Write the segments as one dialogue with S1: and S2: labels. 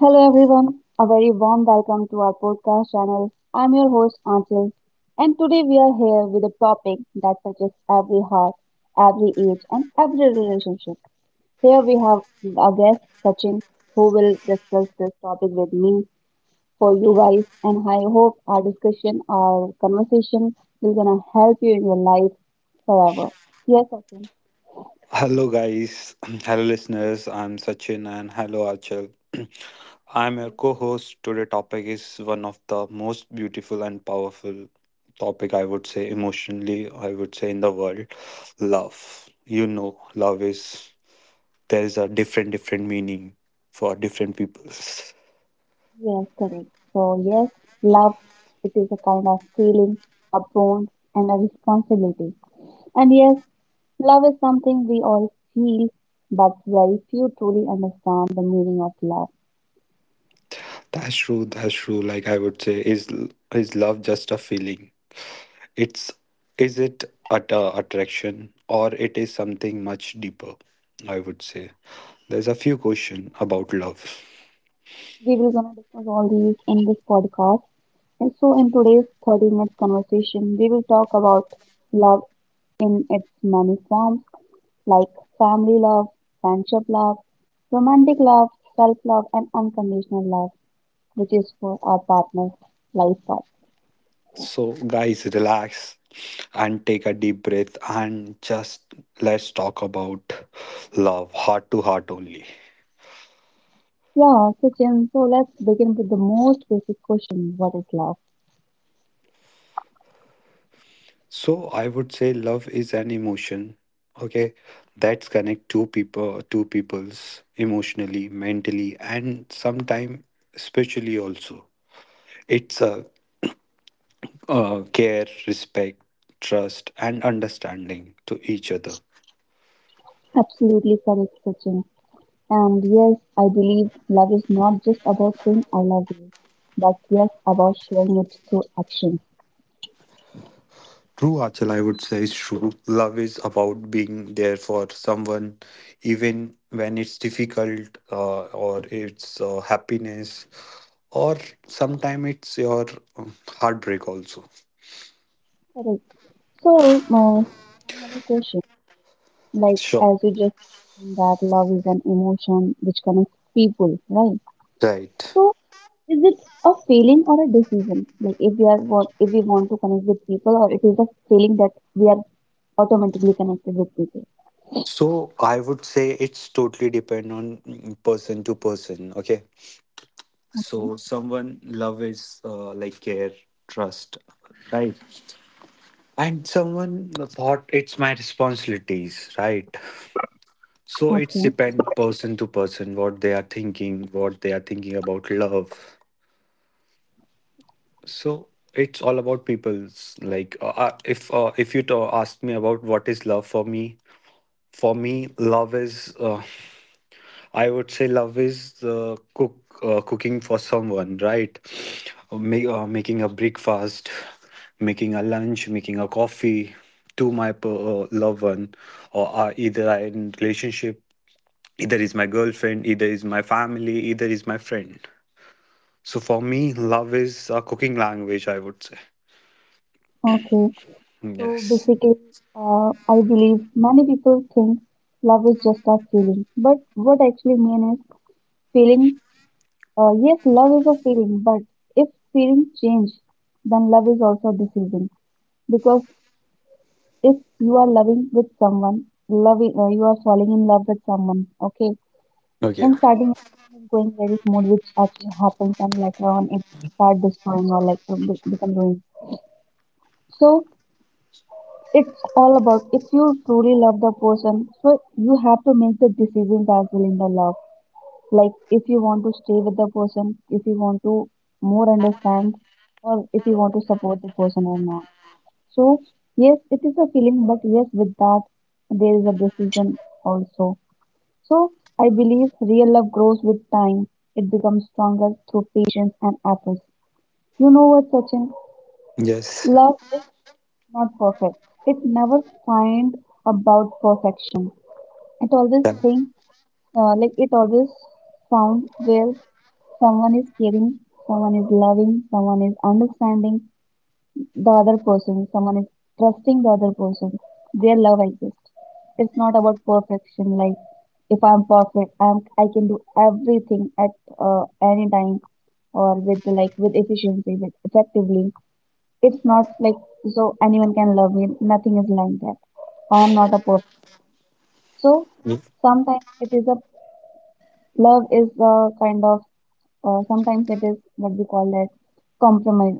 S1: Hello, everyone. A very warm welcome to our podcast channel. I'm your host, Anchil, and today we are here with a topic that touches every heart, every age, and every relationship. Here we have our guest, Sachin, who will discuss this topic with me for you guys, and I hope our conversation, will gonna help you in your life forever. Yes, Sachin.
S2: Hello, guys. Hello, listeners. I'm Sachin and hello, Achal. I'm your co host. Today' topic is one of the most beautiful and powerful topic, I would say emotionally I would say, in the world. Love, love is, there is a different meaning for different peoples.
S1: Yes, correct. So, yes, love, it is a kind of feeling, a bond, and a responsibility. And yes, love is something we all feel, but very few truly understand the meaning of love.
S2: That's true, that's true. Like I would say, is love just a feeling? It's Is it at a attraction, or it is something much deeper? I would say there's a few question about love.
S1: We will gonna discuss all these in this podcast. And so, in today's 30 minutes conversation, we will talk about love in its many forms, like family love, friendship love, romantic love, self love, and unconditional love, which is for our partner's life path.
S2: So guys, relax and take a deep breath and just let's talk about love, heart to heart only.
S1: Yeah, so Sachin, so let's begin with the most basic question, what is love?
S2: So I would say love is an emotion, okay, that's connect two peoples emotionally, mentally, and sometime spiritually also. It's a care, respect, trust, and understanding to each other.
S1: Absolutely correct, Sachin. And yes, I believe love is not just about saying I love you, but yes, about showing it through action.
S2: True Achal, I would say, is true. Love is about being there for someone, even when it's difficult, or it's happiness, or sometimes it's your heartbreak also.
S1: Correct. So, I have a question. Like,
S2: Sure.
S1: as you just mentioned, that love is an emotion which connects people, right?
S2: Right.
S1: So, is it a feeling or a decision? Like if we are want, if we want to connect with people, or it is a feeling that we are automatically connected with people.
S2: So I would say it's totally depend on person to person. Okay.
S1: Okay,
S2: So someone love is like care, trust, right? And someone thought it's my responsibilities, right? So it's
S1: okay,
S2: depend person to person what they are thinking, about love. So it's all about people's like, if you to ask me about what is love for me love is, I would say love is the cooking for someone, right? Making a breakfast, making a lunch, making a coffee to my loved one, or either I in relationship, either is my girlfriend, either is my family, either is my friend. So for me, love is a cooking language, I would say.
S1: okay. So
S2: Yes.
S1: basically, I believe many people think love is just a feeling, but what I actually mean is feeling. Yes, love is a feeling, but if feeling change, then love is also a decision. Because if you are loving with someone, you are falling in love with someone. Okay.
S2: Okay.
S1: In starting, everything is going very smooth, which actually happens, and later on it start destroying or like become ruins. So it's all about if you truly love the person, so you have to make the decisions as well in the love. Like if you want to stay with the person, if you want to more understand, or if you want to support the person or not. So yes, it is a feeling, but yes, with that there is a decision also. So I believe real love grows with time. It becomes stronger through patience and efforts. You know what, Sachin?
S2: Yes.
S1: Love is not perfect. It never find about perfection. It always
S2: Done.
S1: think it always found where someone is caring, someone is loving, someone is understanding the other person, someone is trusting the other person, their love exists. It's not about perfection. Like if I'm perfect, I can do everything at any time or with like with efficiency, with effectively. It's not like so anyone can love me. Nothing is like that. I'm not a perfect. So sometimes it is a love is a kind of sometimes it is what we call that compromise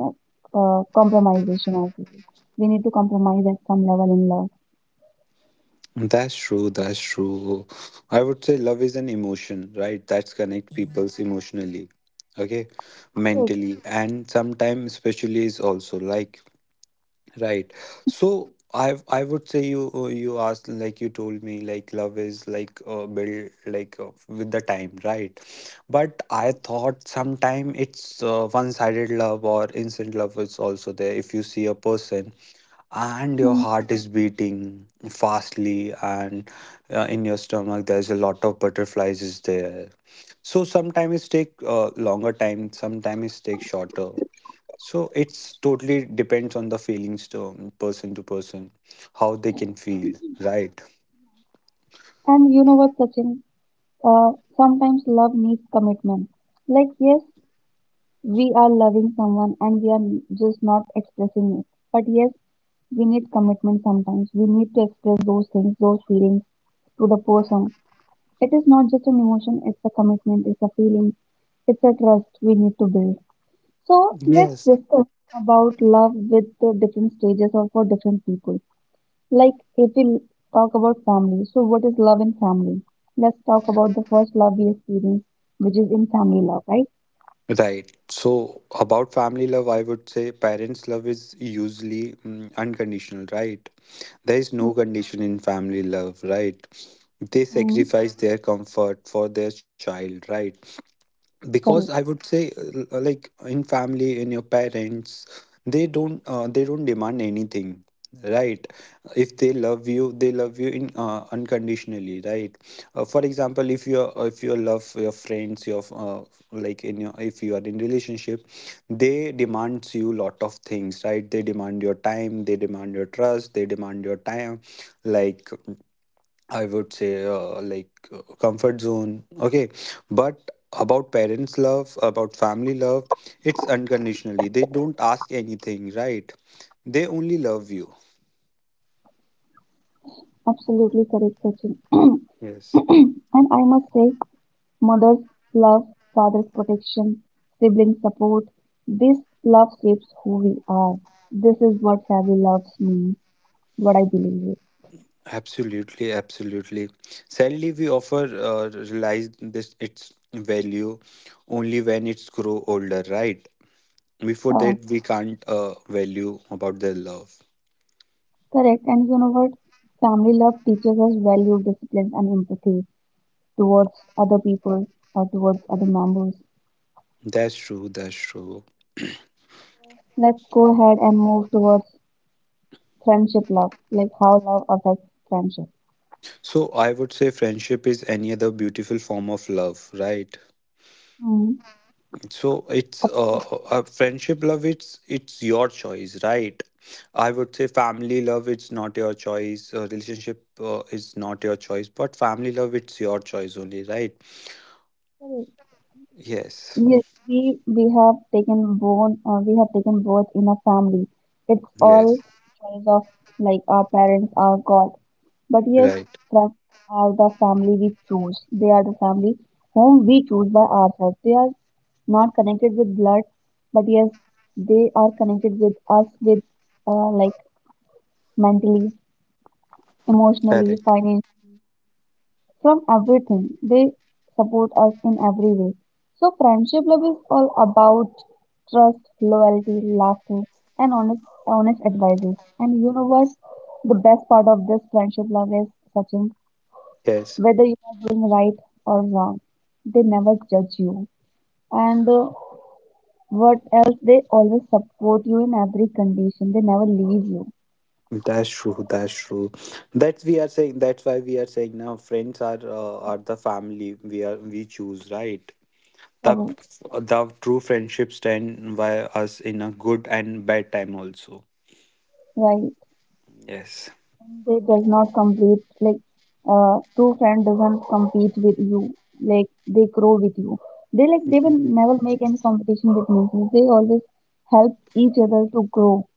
S1: compromisation as well. We need to compromise at some level in love.
S2: That's true, that's true. I would say love is an emotion, right? That's connect people's emotionally, okay,
S1: Correct.
S2: mentally, and sometimes especially is also like. Right. So I would say, you you asked, like you told me, like love is like, built like, with the time, right? But I thought sometime it's one-sided love or instant love is also there. If you see a person and your
S1: Mm.
S2: heart is beating fastly, and in your stomach there's a lot of butterflies is there. So sometimes it take longer time, sometimes it take shorter. So it's totally depends on the feelings to person, how they can feel, right?
S1: And you know what, Sachin, sometimes love needs commitment, like yes, we are loving someone and we are just not expressing it, but yes, we need commitment, sometimes we need to express those things, those feelings to the person. It is not just an emotion, it's a commitment, it's a feeling, it's a trust we need to build. So let's
S2: Yes.
S1: discuss about love with the different stages or for different people. Like if we talk about family, so what is love in family? Let's talk about the first love we experience, which is in family love, right?
S2: Right. So about family love, I would say parents' love is usually, unconditional, right? There is no condition in family love, right? They
S1: Mm-hmm.
S2: sacrifice their comfort for their child, right? Because I
S1: Correct.
S2: would say, like in family, in your parents, they don't, they don't demand anything, right? If they love you in unconditionally, right? Uh, for example, if you are if you love your friends, your, like in your, if you are in relationship, they demands you lot of things, right? They demand your time, they demand your trust, they demand your time, like, I would say, like, comfort zone. Okay, but about parents' love, about family love, it's unconditionally. They don't ask anything, right? They only love you.
S1: Absolutely correct, Sachin.
S2: Yes.
S1: And I must say, mother's love, father's protection, sibling support. This love shapes who we are. This is what family love means, what I believe is.
S2: Absolutely, absolutely. Sadly, we offer realize this its value only when it's grow older, right? Before
S1: Uh,
S2: that, we can't value about their love.
S1: Correct. And you know what? Family love teaches us value, discipline, and empathy towards other people or towards other members.
S2: That's true, that's true.
S1: Let's go ahead and move towards friendship love, like how love affects friendship.
S2: So I would say friendship is any other beautiful form of love, right?
S1: Mm.
S2: So it's, friendship love. It's your choice, right? I would say family love, it's not your choice. Relationship is not your choice, but family love, it's your choice only, right? Yes.
S1: Yes, we have taken born we have taken birth in a family. It's
S2: Yes.
S1: all choice of like our parents, our God. But yes,
S2: Right.
S1: friends are the family we choose. They are the family whom we choose by ourselves. They are not connected with blood, but yes, they are connected with us with uh, like mentally, emotionally,
S2: Correct.
S1: financially, from everything. They support us in every way. So friendship love is all about trust, loyalty, laughter, and honest advices. And you know what? The best part of this friendship love is, Sachin,
S2: Yes.
S1: whether you are doing right or wrong, they never judge you. And what else? They always support you in every condition. They never leave you.
S2: That's true, that's true. That's we are saying. That's why we are saying now, friends are, the family we choose, right? The,
S1: Correct.
S2: the true friendship stand by us in a good and bad time also.
S1: Right.
S2: Yes.
S1: They does not complete like two friend doesn't compete with you. Like they grow with you. They like they will never make any competition with me. They always help each other to grow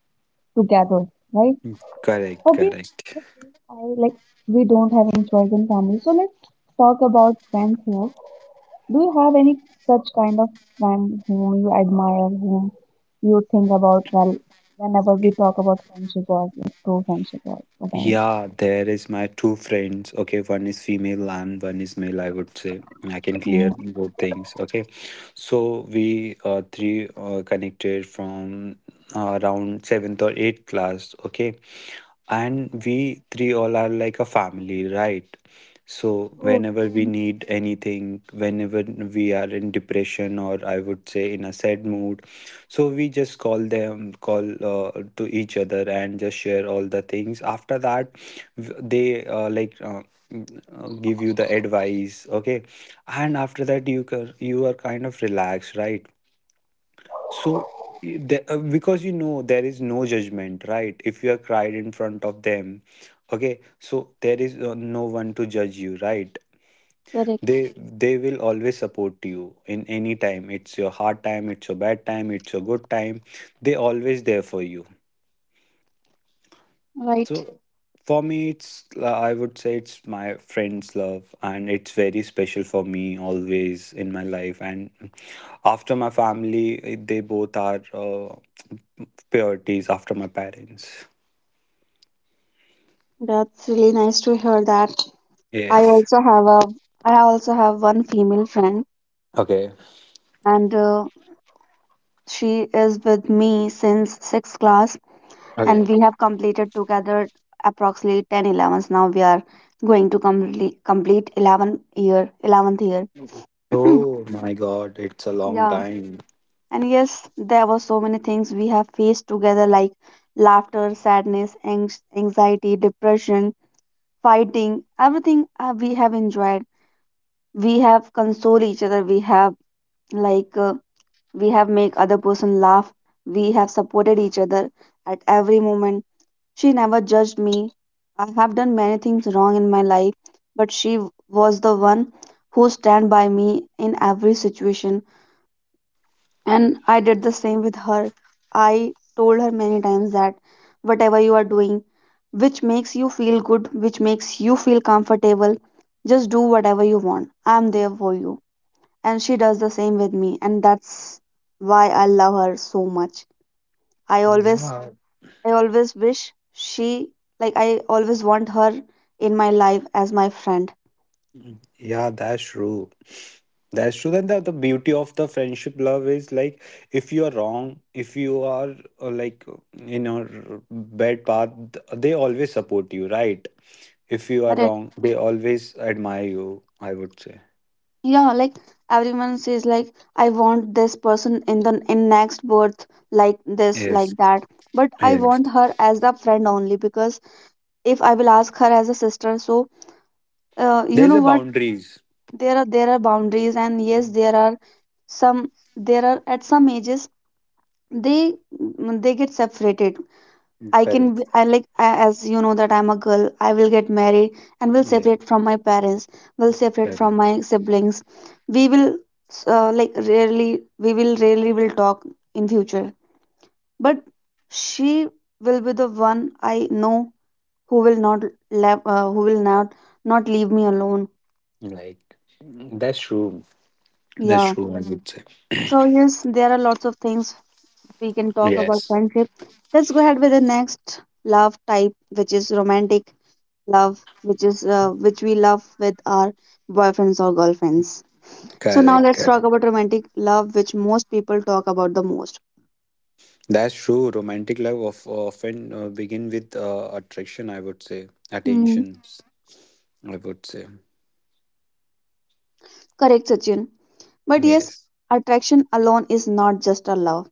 S1: together, right?
S2: Correct,
S1: Okay.
S2: correct.
S1: The thing I like, we don't have any choice in family. So let's talk about friends here. Do you have any such kind of friend whom you admire, whom you think about well whenever we talk about friendship or like, true friendship or whatever?
S2: Yeah, there is my two friends. Okay, one is female and one is male, I would say. I can clear
S1: Mm.
S2: both things. Okay. So we three, connected from, around seventh or eighth class, okay? And we three all are like a family, right? So
S1: Oh,
S2: whenever we
S1: mm,
S2: need anything, whenever we are in depression, or I would say in a sad mood, so we just call them, call to each other and just share all the things. After that, they give you the advice, okay, and after that you are kind of relaxed, right? So because you know there is no judgment, right? If you are cried in front of them, okay, so there is no one to judge you, right?
S1: correct.
S2: They they will always support you in any time, it's your hard time, it's your bad time, it's your good time, they always there for you.
S1: Right.
S2: So for me, it's, I would say it's my friend's love, and it's very special for me always in my life. And after my family, they both are, priorities after my parents.
S1: That's really nice to hear that. I
S2: Yes.
S1: also have a I also have one female friend,
S2: Okay.
S1: and she is with me since 6th class, and
S2: Okay.
S1: we have completed together approximately 10 elevens. Now we are going to complete 11 year 11th year.
S2: Oh my God, it's a long
S1: Yeah.
S2: time.
S1: And yes, there were so many things we have faced together, like laughter, sadness, anxiety, depression, fighting, everything we have enjoyed. We have console each other, we have like uh, we have make other person laugh, we have supported each other at every moment. She never judged me. I have done many things wrong in my life, but she was the one who stand by me in every situation, and I did the same with her. I told her many times that whatever you are doing, which makes you feel good, which makes you feel comfortable, just do whatever you want, I am there for you. And she does the same with me, and that's why I love her so much. i always
S2: Yeah.
S1: I always wish she, like, I always want her in my life as my friend.
S2: Yeah, that's true, that's true. And the beauty of the friendship love is like, if you are wrong, if you are, like in a bad path, they always support you, right? If you are
S1: Correct.
S2: wrong, they always admire you, I would say.
S1: Yeah, like everyone says, like, I want this person in the in next birth, like this,
S2: Yes,
S1: like that, but I
S2: yes.
S1: want her as a friend only because if I will ask her as a sister, so you
S2: There's
S1: know
S2: a
S1: what,
S2: boundaries.
S1: there are boundaries, and yes, there are some, there are at some ages they they get separated. I can
S2: Correct.
S1: I like as you know that I'm a girl, I will get married and will
S2: Yeah,
S1: separate from my parents, will separate from
S2: correct.
S1: my siblings. We will rarely will talk in future, but she will be the one I know who will not not leave me alone.
S2: Like, that's true. That's
S1: Yeah.
S2: true, I would say.
S1: So yes, there are lots of things we can talk about
S2: Yes.
S1: friendship. Let's go ahead with the next love type, which is romantic love, which is which we love with our boyfriends or girlfriends. So now
S2: Correct,
S1: let's
S2: correct.
S1: talk about romantic love, which most people talk about the most.
S2: That's true. Romantic love often begin with attraction, I would say.
S1: Hmm,
S2: Attentions, I would say.
S1: correct, Sachin. But yes,
S2: Yes.
S1: attraction alone is not just a love.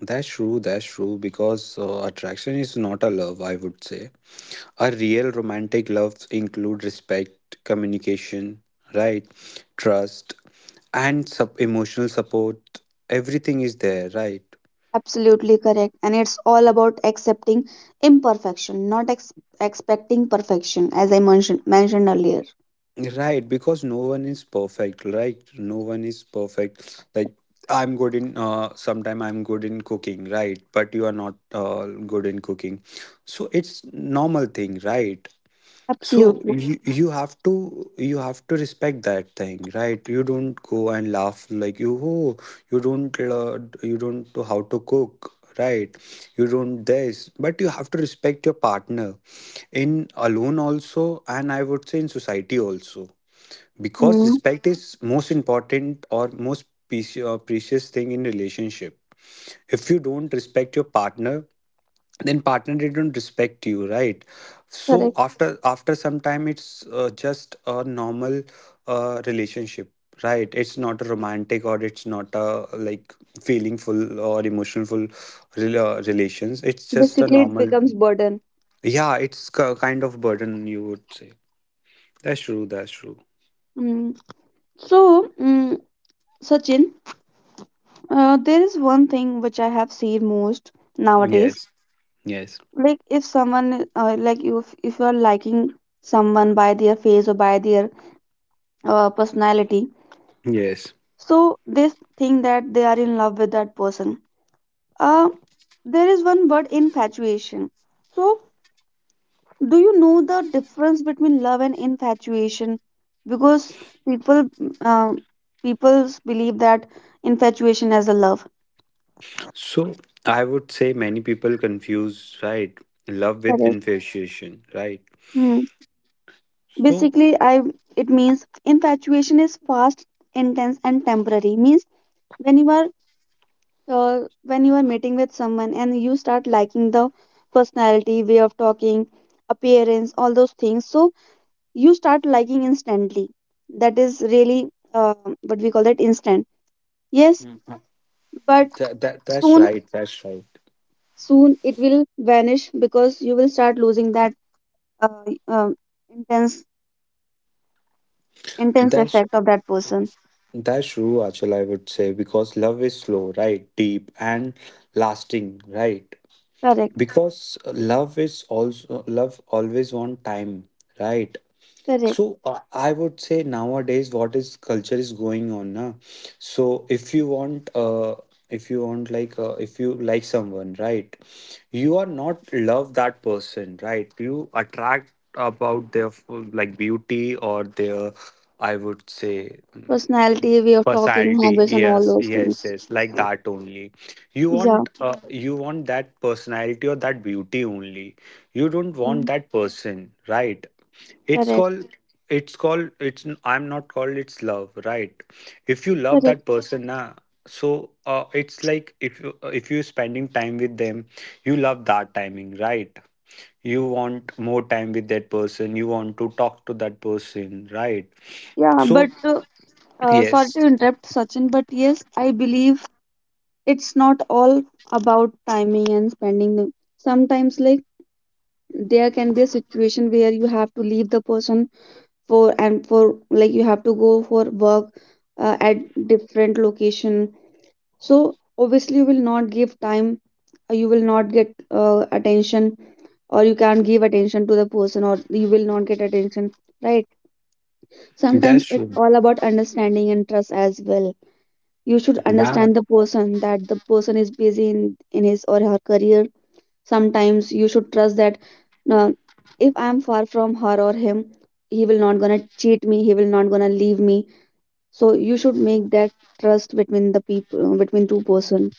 S2: That's true, that's true. Because attraction is not a love, I would say. A real romantic loves include respect, communication, right? Trust, and emotional support. Everything is there, right?
S1: Absolutely correct, and it's all about accepting imperfection, not expecting perfection, as I mentioned earlier.
S2: Right, because no one is perfect, right? No one is perfect. Like, I'm good in, sometime I'm good in cooking, right? But you are not good in cooking. So it's normal thing, right? So
S1: Absolutely.
S2: you have to respect that thing, right? You don't go and laugh like, you, oh, you don't know how to cook, right? You don't this, but you have to respect your partner in alone also, and I would say in society also, because
S1: Hmm.
S2: respect is most important or most precious thing in relationship. If you don't respect your partner, then partner they don't respect you, right? So
S1: Correct.
S2: after some time, it's, just a normal, relationship, right? It's not a romantic, or it's not a like feelingful or emotionful, relations, it's just a
S1: Basically, it
S2: normal.
S1: becomes burden.
S2: Yeah, it's kind of burden, you would say. That's true, that's true.
S1: Mm, so, mm, Sachin, there is one thing which I have seen most nowadays.
S2: Yes, yes.
S1: Like if someone, like you, if you are liking someone by their face or by their personality,
S2: Yes.
S1: so they think that they are in love with that person. Uh, there is one word, infatuation. So do you know the difference between love and infatuation, because people um people believe that infatuation as a love.
S2: So I would say many people confuse, right, love with
S1: Correct.
S2: infatuation, right?
S1: Hmm.
S2: So
S1: basically I it means infatuation is fast, intense and temporary. Means when you are when you are meeting with someone and you start liking the personality, way of talking, appearance, all those things, so you start liking instantly. That is really what we call that instant. Yes, but
S2: that's
S1: soon
S2: right, that's right.
S1: soon it will vanish because you will start losing that uh, um, intense intense
S2: That's
S1: effect of that person.
S2: that's true, Achal, I would say, because love is slow, right? Deep and lasting, right?
S1: Correct,
S2: Because love is also, love always on time, right?
S1: correct,
S2: So I would say nowadays, what is culture is going on now. So if you want if you want, like, if you like someone, right, you are not love that person, right? You attract about their like beauty, or their, I would say,
S1: personality, way of talking,
S2: personality.
S1: habits and all
S2: Yes,
S1: those
S2: yes,
S1: things.
S2: yes, like that only.
S1: Yeah,
S2: You want that personality or that beauty only. You don't want
S1: mm,
S2: that person, right? it's
S1: correct,
S2: called it's called it's I'm not called it's love, right? If you love that
S1: correct.
S2: person, na. So, it's like, if you spending time with them, you love that timing, right? You want more time with that person, you want to talk to that person, right?
S1: Yeah,
S2: So
S1: but sorry
S2: yes.
S1: to interrupt, Sachin, but yes, I believe it's not all about timing and spending them. Sometimes, like, there can be a situation where you have to leave the person for, and for, like, you have to go for work at different location. So obviously you will not give time, you will not get attention, or you can't give attention to the person, or you will not get attention, right?
S2: That's
S1: Sometimes it's
S2: true.
S1: all about understanding and trust as well. You should
S2: Yeah.
S1: understand the person, that the person is busy in his or her career. Sometimes you should trust that uh, if I'm far from her or him, he will not gonna cheat me, he will not gonna leave me. So you should make that trust between the people, between two person.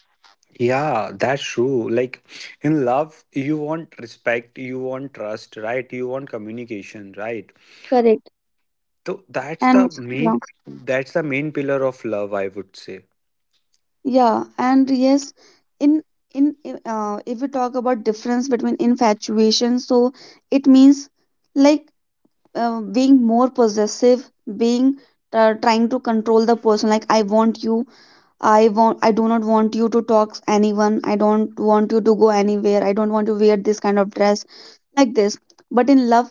S2: Yeah, that's true. Like in love, you want respect, you want trust, right? You want communication, right?
S1: Correct
S2: So
S1: and yeah,
S2: that's the main pillar of love, I would say.
S1: yeah, and yes, in in if we talk about difference between infatuation, so it means, like, being more possessive, being trying to control the person, like, I want you, I want, I do not want you to talk to anyone, I don't want you to go anywhere, I don't want to wear this kind of dress, like this. But in love,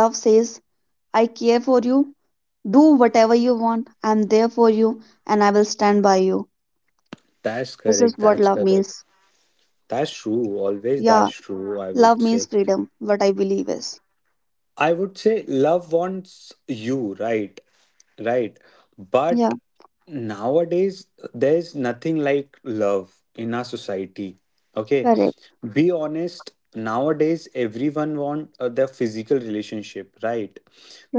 S1: love says I care for you. Do whatever you want. I'm there for you and I will stand by you.
S2: That's
S1: This is
S2: correct,
S1: what
S2: that's
S1: love
S2: correct.
S1: means.
S2: That's true. Always
S1: Yeah,
S2: that's true, I would
S1: love
S2: say.
S1: means freedom, what I believe is.
S2: I would say love wants you, right? Right.
S1: Yeah,
S2: But nowadays, there's nothing like love in our society. Okay.
S1: correct,
S2: Be honest, nowadays, everyone want, the physical relationship, right?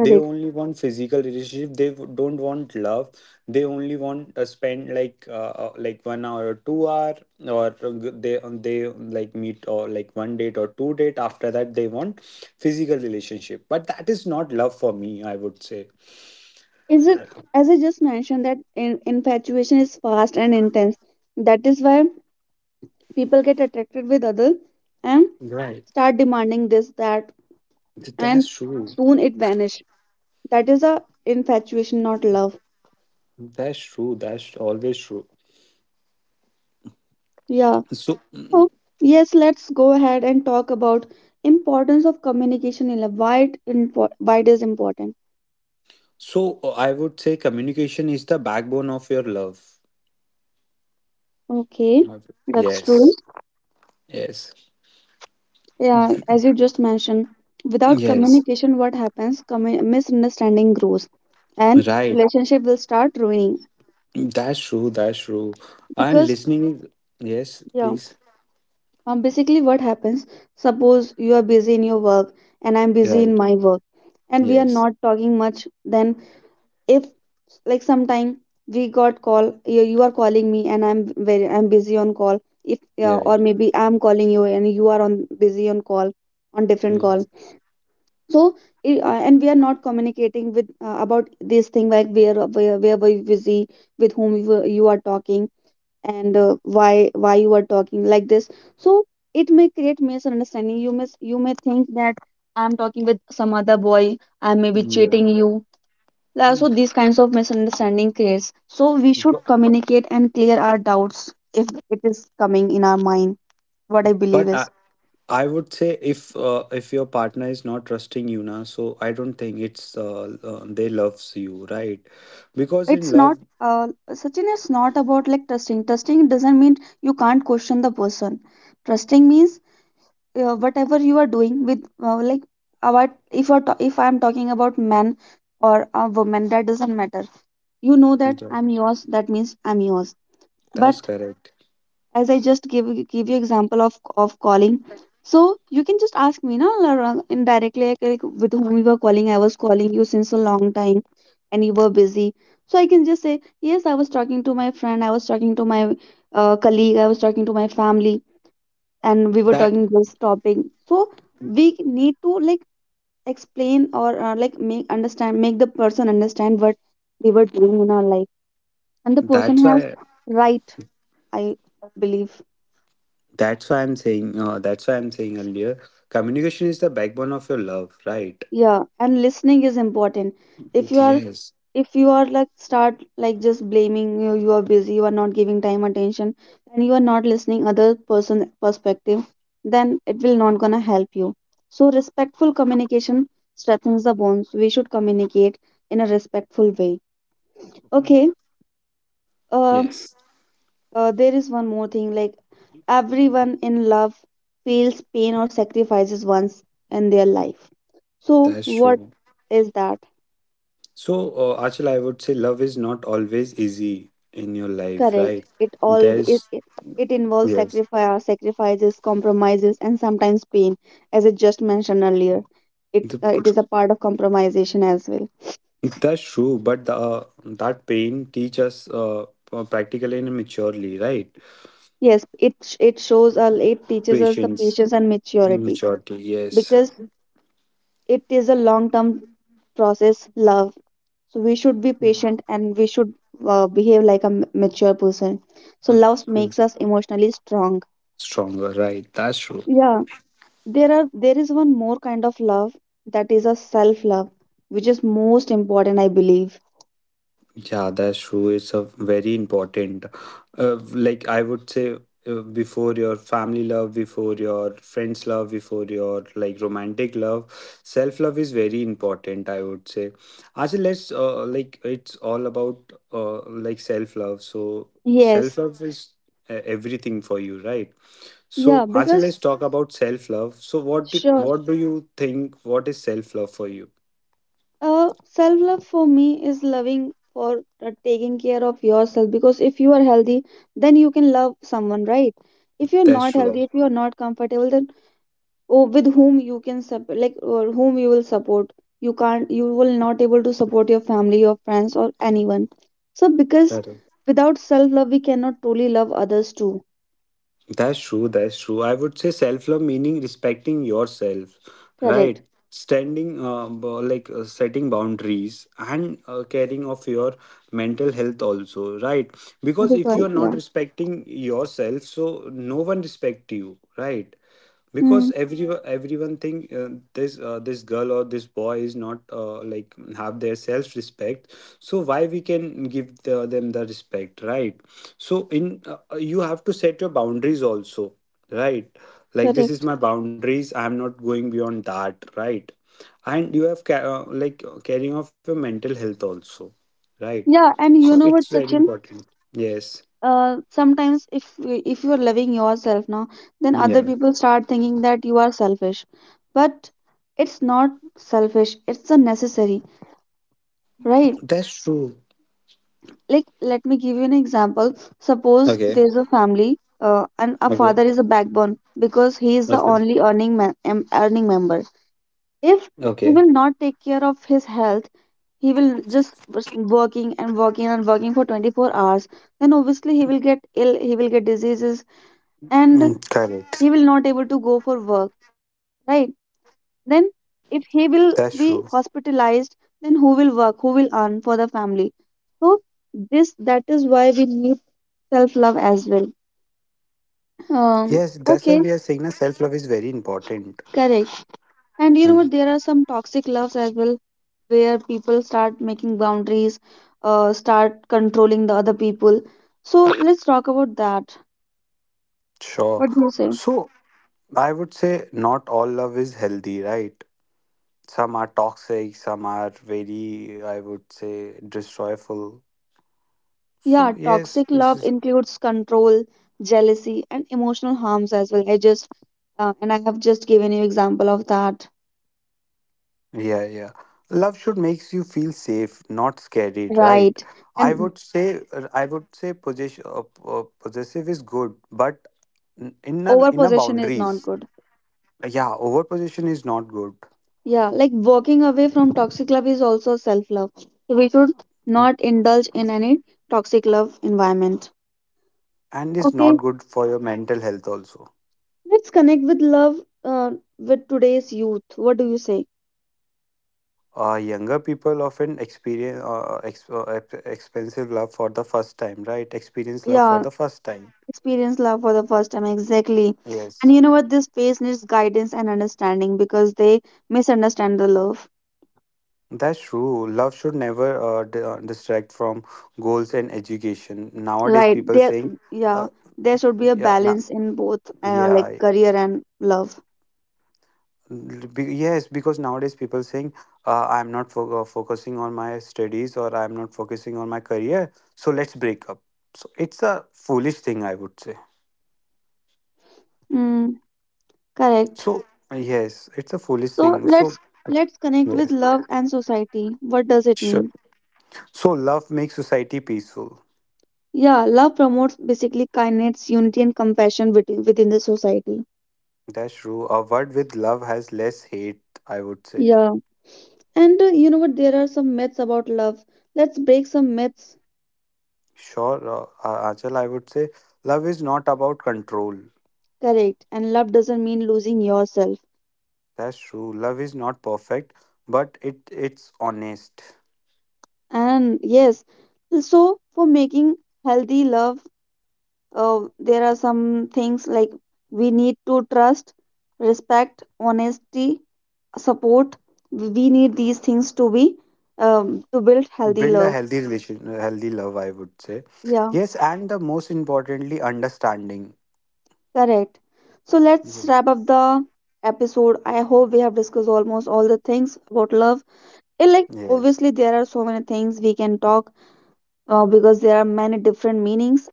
S2: They only want physical relationship, they don't want love. They only want to spend like, 1 hour or 2 hour, or they like meet, or like one date or two date, after that they want physical relationship, but that is not love for me, I would say.
S1: Is it, as I just mentioned, that in, infatuation is fast and intense. That is why people get attracted with other and
S2: Right.
S1: start demanding this, that,
S2: That's
S1: and
S2: true,
S1: soon it vanish. That is a infatuation, not love.
S2: that's true, that's always true.
S1: Yeah.
S2: So,
S1: Oh, yes, let's go ahead and talk about importance of communication in a, it info, why it is important.
S2: so I would say communication is the backbone of your love.
S1: Okay, that's true.
S2: Yes. Yes.
S1: Yeah, as
S2: V-
S1: you just mentioned, without
S2: yes.
S1: communication, what happens? Commu- misunderstanding grows, and
S2: Right.
S1: relationship will start ruining.
S2: That's true, that's true. And
S1: Because
S2: listening is, yes,
S1: yeah,
S2: please.
S1: basically, what happens? Suppose you are busy in your work, and I'm busy in
S2: Right.
S1: my work, and we are
S2: Yes.
S1: not talking much. Then, if, like, sometime we got call, you are calling me and I'm very, I'm busy on call, if, yeah, or
S2: Right.
S1: maybe I'm calling you and you are on busy on call on different call.
S2: Yes.
S1: So and we are not communicating with about this thing, like, where, where were you busy, with whom you were- you are talking, and why you are talking like this. So it may create misunderstanding. You may, you may think that I'm talking with some other boy, I may be
S2: Mm, yeah.
S1: cheating you. So these kinds of misunderstanding creates. So we should
S2: Bu-
S1: communicate and clear our doubts if it is coming in our mind. What I believe
S2: But
S1: is,
S2: I, I would say if your partner is not trusting you now, so I don't think it's they loves you, right? Because in
S1: it's not.
S2: love,
S1: Sachin, it's not about like trusting. Trusting doesn't mean you can't question the person. Trusting means whatever you are doing with, like, about, if you're ta- if I'm talking about men or a woman, that doesn't matter. You know that
S2: yeah,
S1: I'm yours. That means I'm yours.
S2: that's
S1: But
S2: correct.
S1: as I just give you example of calling. So you can just ask me now indirectly, like, with whom you were calling. I was calling you since a long time, and you were busy. So I can just say yes. I was talking to my friend. I was talking to my colleague. I was talking to my family, and we were
S2: That
S1: talking this topic. So we need to, like, explain or like, make understand, make the person understand what we were doing in our life, and the
S2: that's
S1: person has
S2: why
S1: right. I believe.
S2: that's why I'm saying that's why I'm saying earlier, communication is the backbone of your love, right?
S1: Yeah and listening is important. If you are,
S2: Yes.
S1: if you are, like, start, like, just blaming you, you are busy, you are not giving time, attention, and you are not listening other person perspective, then it will not gonna help you. So respectful communication strengthens the bonds. We should communicate in a respectful way.
S2: Mm,
S1: Okay. uh,
S2: Yes.
S1: there is one more thing, like, everyone in love feels pain or sacrifices once in their life. So
S2: That's
S1: what
S2: true.
S1: is that?
S2: So, Achal, I would say love is not always easy in your life,
S1: Correct.
S2: right?
S1: It all it,
S2: There's
S1: it it involves
S2: yes,
S1: sacrifice, sacrifices, compromises, and sometimes pain, as I just mentioned earlier. It
S2: the,
S1: it is a part of compromisation as well.
S2: that's true. But the that pain teach us practically and maturely, right?
S1: Yes, it sh- it shows us, it teaches us the
S2: Patience,
S1: patience and maturity,
S2: maturity, yes.
S1: because it is a long term process. Love, so we should be
S2: Mm,
S1: patient and we should behave like a m- mature person. So
S2: mm,
S1: love
S2: yes.
S1: makes us emotionally strong.
S2: Stronger, right? That's true.
S1: Yeah. There are, there is one more kind of love, that is a self love, which is most important I believe.
S2: Yeah, that's true. It's a very important, like I would say, before your family love, before your friends love, before your like romantic love, self love is very important, I would say. Actually, let's like it's all about like self love. So self
S1: Yes,
S2: love is everything for you, right?
S1: yeah,
S2: So actually,
S1: because
S2: let's talk about self love. So
S1: sure,
S2: what do you think? What is self love for you?
S1: self love for me is loving for, taking care of yourself, because if you are healthy, then you can love someone, right? If you're
S2: That's
S1: not healthy,
S2: true.
S1: if you're not comfortable, then, or with whom you can sup- like, or whom you will support, you can't, you will not able to support your family, your friends, or anyone. So because
S2: Correct.
S1: without self love we cannot truly love others too.
S2: That's true. That's true. I would say self love meaning respecting yourself,
S1: Correct,
S2: right? Like setting boundaries and caring of your mental health also, right? Because if you
S1: because
S2: are not
S1: yeah.
S2: respecting yourself, so no one respect you, right? Because
S1: Hmm.
S2: everyone think this this girl or this boy is not like have their self respect, so why we can give them the respect, right? So in you have to set your boundaries also, right? Like this is
S1: Correct,
S2: my boundaries, I am not going beyond that, right? And you have like carrying off your mental health also, right?
S1: yeah, and
S2: So
S1: you know
S2: it's
S1: what,
S2: very
S1: Sachin,
S2: important. Yes.
S1: sometimes, if you are loving yourself now, then other
S2: Yeah,
S1: people start thinking that you are selfish, but it's not selfish, it's a necessary, right?
S2: that's true.
S1: Like, let me give you an example. Suppose
S2: Okay.
S1: there's a family, and a
S2: Okay.
S1: father is a backbone, because he is the
S2: Okay.
S1: only earning ma- em- earning member. If
S2: Okay.
S1: he will not take care of his health, he will just was working and working and working for 24 hours, then obviously he will get ill, he will get diseases, and
S2: Correct.
S1: he will not able to go for work, right? Then,
S2: That's
S1: if
S2: true.
S1: he will be hospitalized, then who will work? Who will earn for the family? So this, that is why we need self love as well.
S2: Yes, that's why we
S1: Okay,
S2: are saying that self love is very important.
S1: correct. And you know
S2: Mm,
S1: what? There are some toxic loves as well, where people start making boundaries, start controlling the other people. So, let's talk about that.
S2: sure.
S1: What do you say?
S2: So I would say not all love is healthy, right? Some are toxic, some are very, I would say, destroyful. So
S1: Yeah,
S2: yes,
S1: toxic
S2: this
S1: love
S2: is,
S1: includes control, jealousy, and emotional harms as well. I just and I have just given you example of that.
S2: yeah, yeah. Love should makes you feel safe, not scared, right?
S1: Right. And
S2: I would say possessive is good, but in a
S1: over possession is
S2: boundaries.
S1: not good.
S2: Yeah, overposition is not good
S1: Yeah, like, walking away from toxic love is also self love. So we should not indulge in any toxic love environment.
S2: and is
S1: Okay,
S2: not good for your mental health also.
S1: let's connect with love uh, with today's youth. What do you say?
S2: Younger people often experience expensive love for the first time, right? Experience love for
S1: Yeah,
S2: the first time.
S1: experience love for the first time, exactly,
S2: Yes,
S1: and you know what, this phase needs guidance and understanding because they misunderstand the love.
S2: that's true. Love should never distract from goals and education. Nowadays,
S1: Right
S2: people
S1: there,
S2: saying, uh,
S1: yeah, there should be a
S2: yeah,
S1: balance in both, like
S2: yeah,
S1: career and love.
S2: Yes, because nowadays people saying I'm not focusing on my studies or I'm not focusing on my career, so let's break up. So it's a foolish thing, I would say.
S1: Mm, correct.
S2: So yes, it's a foolish
S1: So
S2: thing. So
S1: let's connect with
S2: yes,
S1: love and society, what does it
S2: sure.
S1: mean?
S2: So love makes society peaceful.
S1: Yeah, love promotes basically kindness, unity and compassion within, within the society.
S2: That's true. A word with love has less hate, I would say.
S1: Yeah, and you know what, there are some myths about love, let's break some myths.
S2: Sure, Achal, I would say love is not about control.
S1: Correct. And love doesn't mean losing yourself.
S2: That's true. Love is not perfect, but it's honest.
S1: And yes, so for making healthy love, there are some things, like, we need to trust, respect, honesty, support. We need these things to be to build healthy
S2: Build a
S1: love.
S2: healthy relation, a healthy love, I would say.
S1: Yeah,
S2: Yes, and the most importantly, understanding.
S1: correct. So let's
S2: Yes.
S1: wrap up the episode. I hope we have discussed almost all the things about love.
S2: Yes.
S1: Eh, like obviously there are so many things we can talk, because there are many different meanings.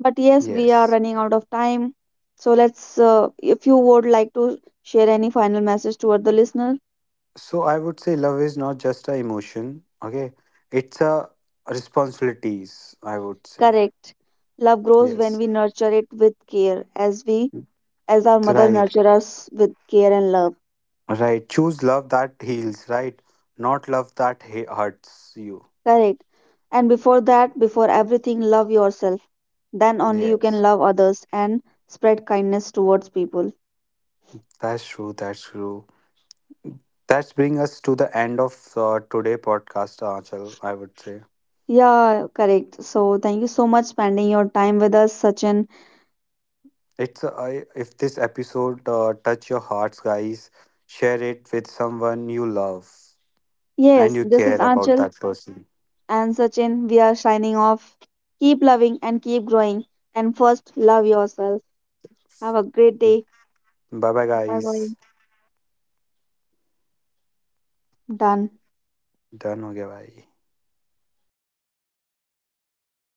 S1: But yes,
S2: Yes.
S1: we are running out of time. So let's, if you would like to share any final message toward the listener,
S2: So I would say love is not just a emotion, okay? It's a responsibilities, I would say.
S1: correct. Love grows when
S2: Yes.
S1: we nurture it with care, as we, as our mother
S2: Right.
S1: nurture us with care and love,
S2: Right, choose love that heals, right? Not love that hurts you.
S1: correct. And before that, before everything, love yourself. Then only you can
S2: Yes,
S1: love others and spread kindness towards people.
S2: that's true. That's true. That's bring us to the end of today podcast, Achal, I would say.
S1: Yeah, correct. So thank you so much spending your time with us, Sachin.
S2: If this episode touch your hearts, guys, share it with someone you love and
S1: Yes,
S2: you
S1: this is
S2: care about
S1: Anchal.
S2: that person.
S1: And Sachin, we are signing off. Keep loving and keep growing. And first, love yourself. Have a great day.
S2: Bye bye,
S1: Bye
S2: guys.
S1: bye. Done.
S2: Done. Okay, गया.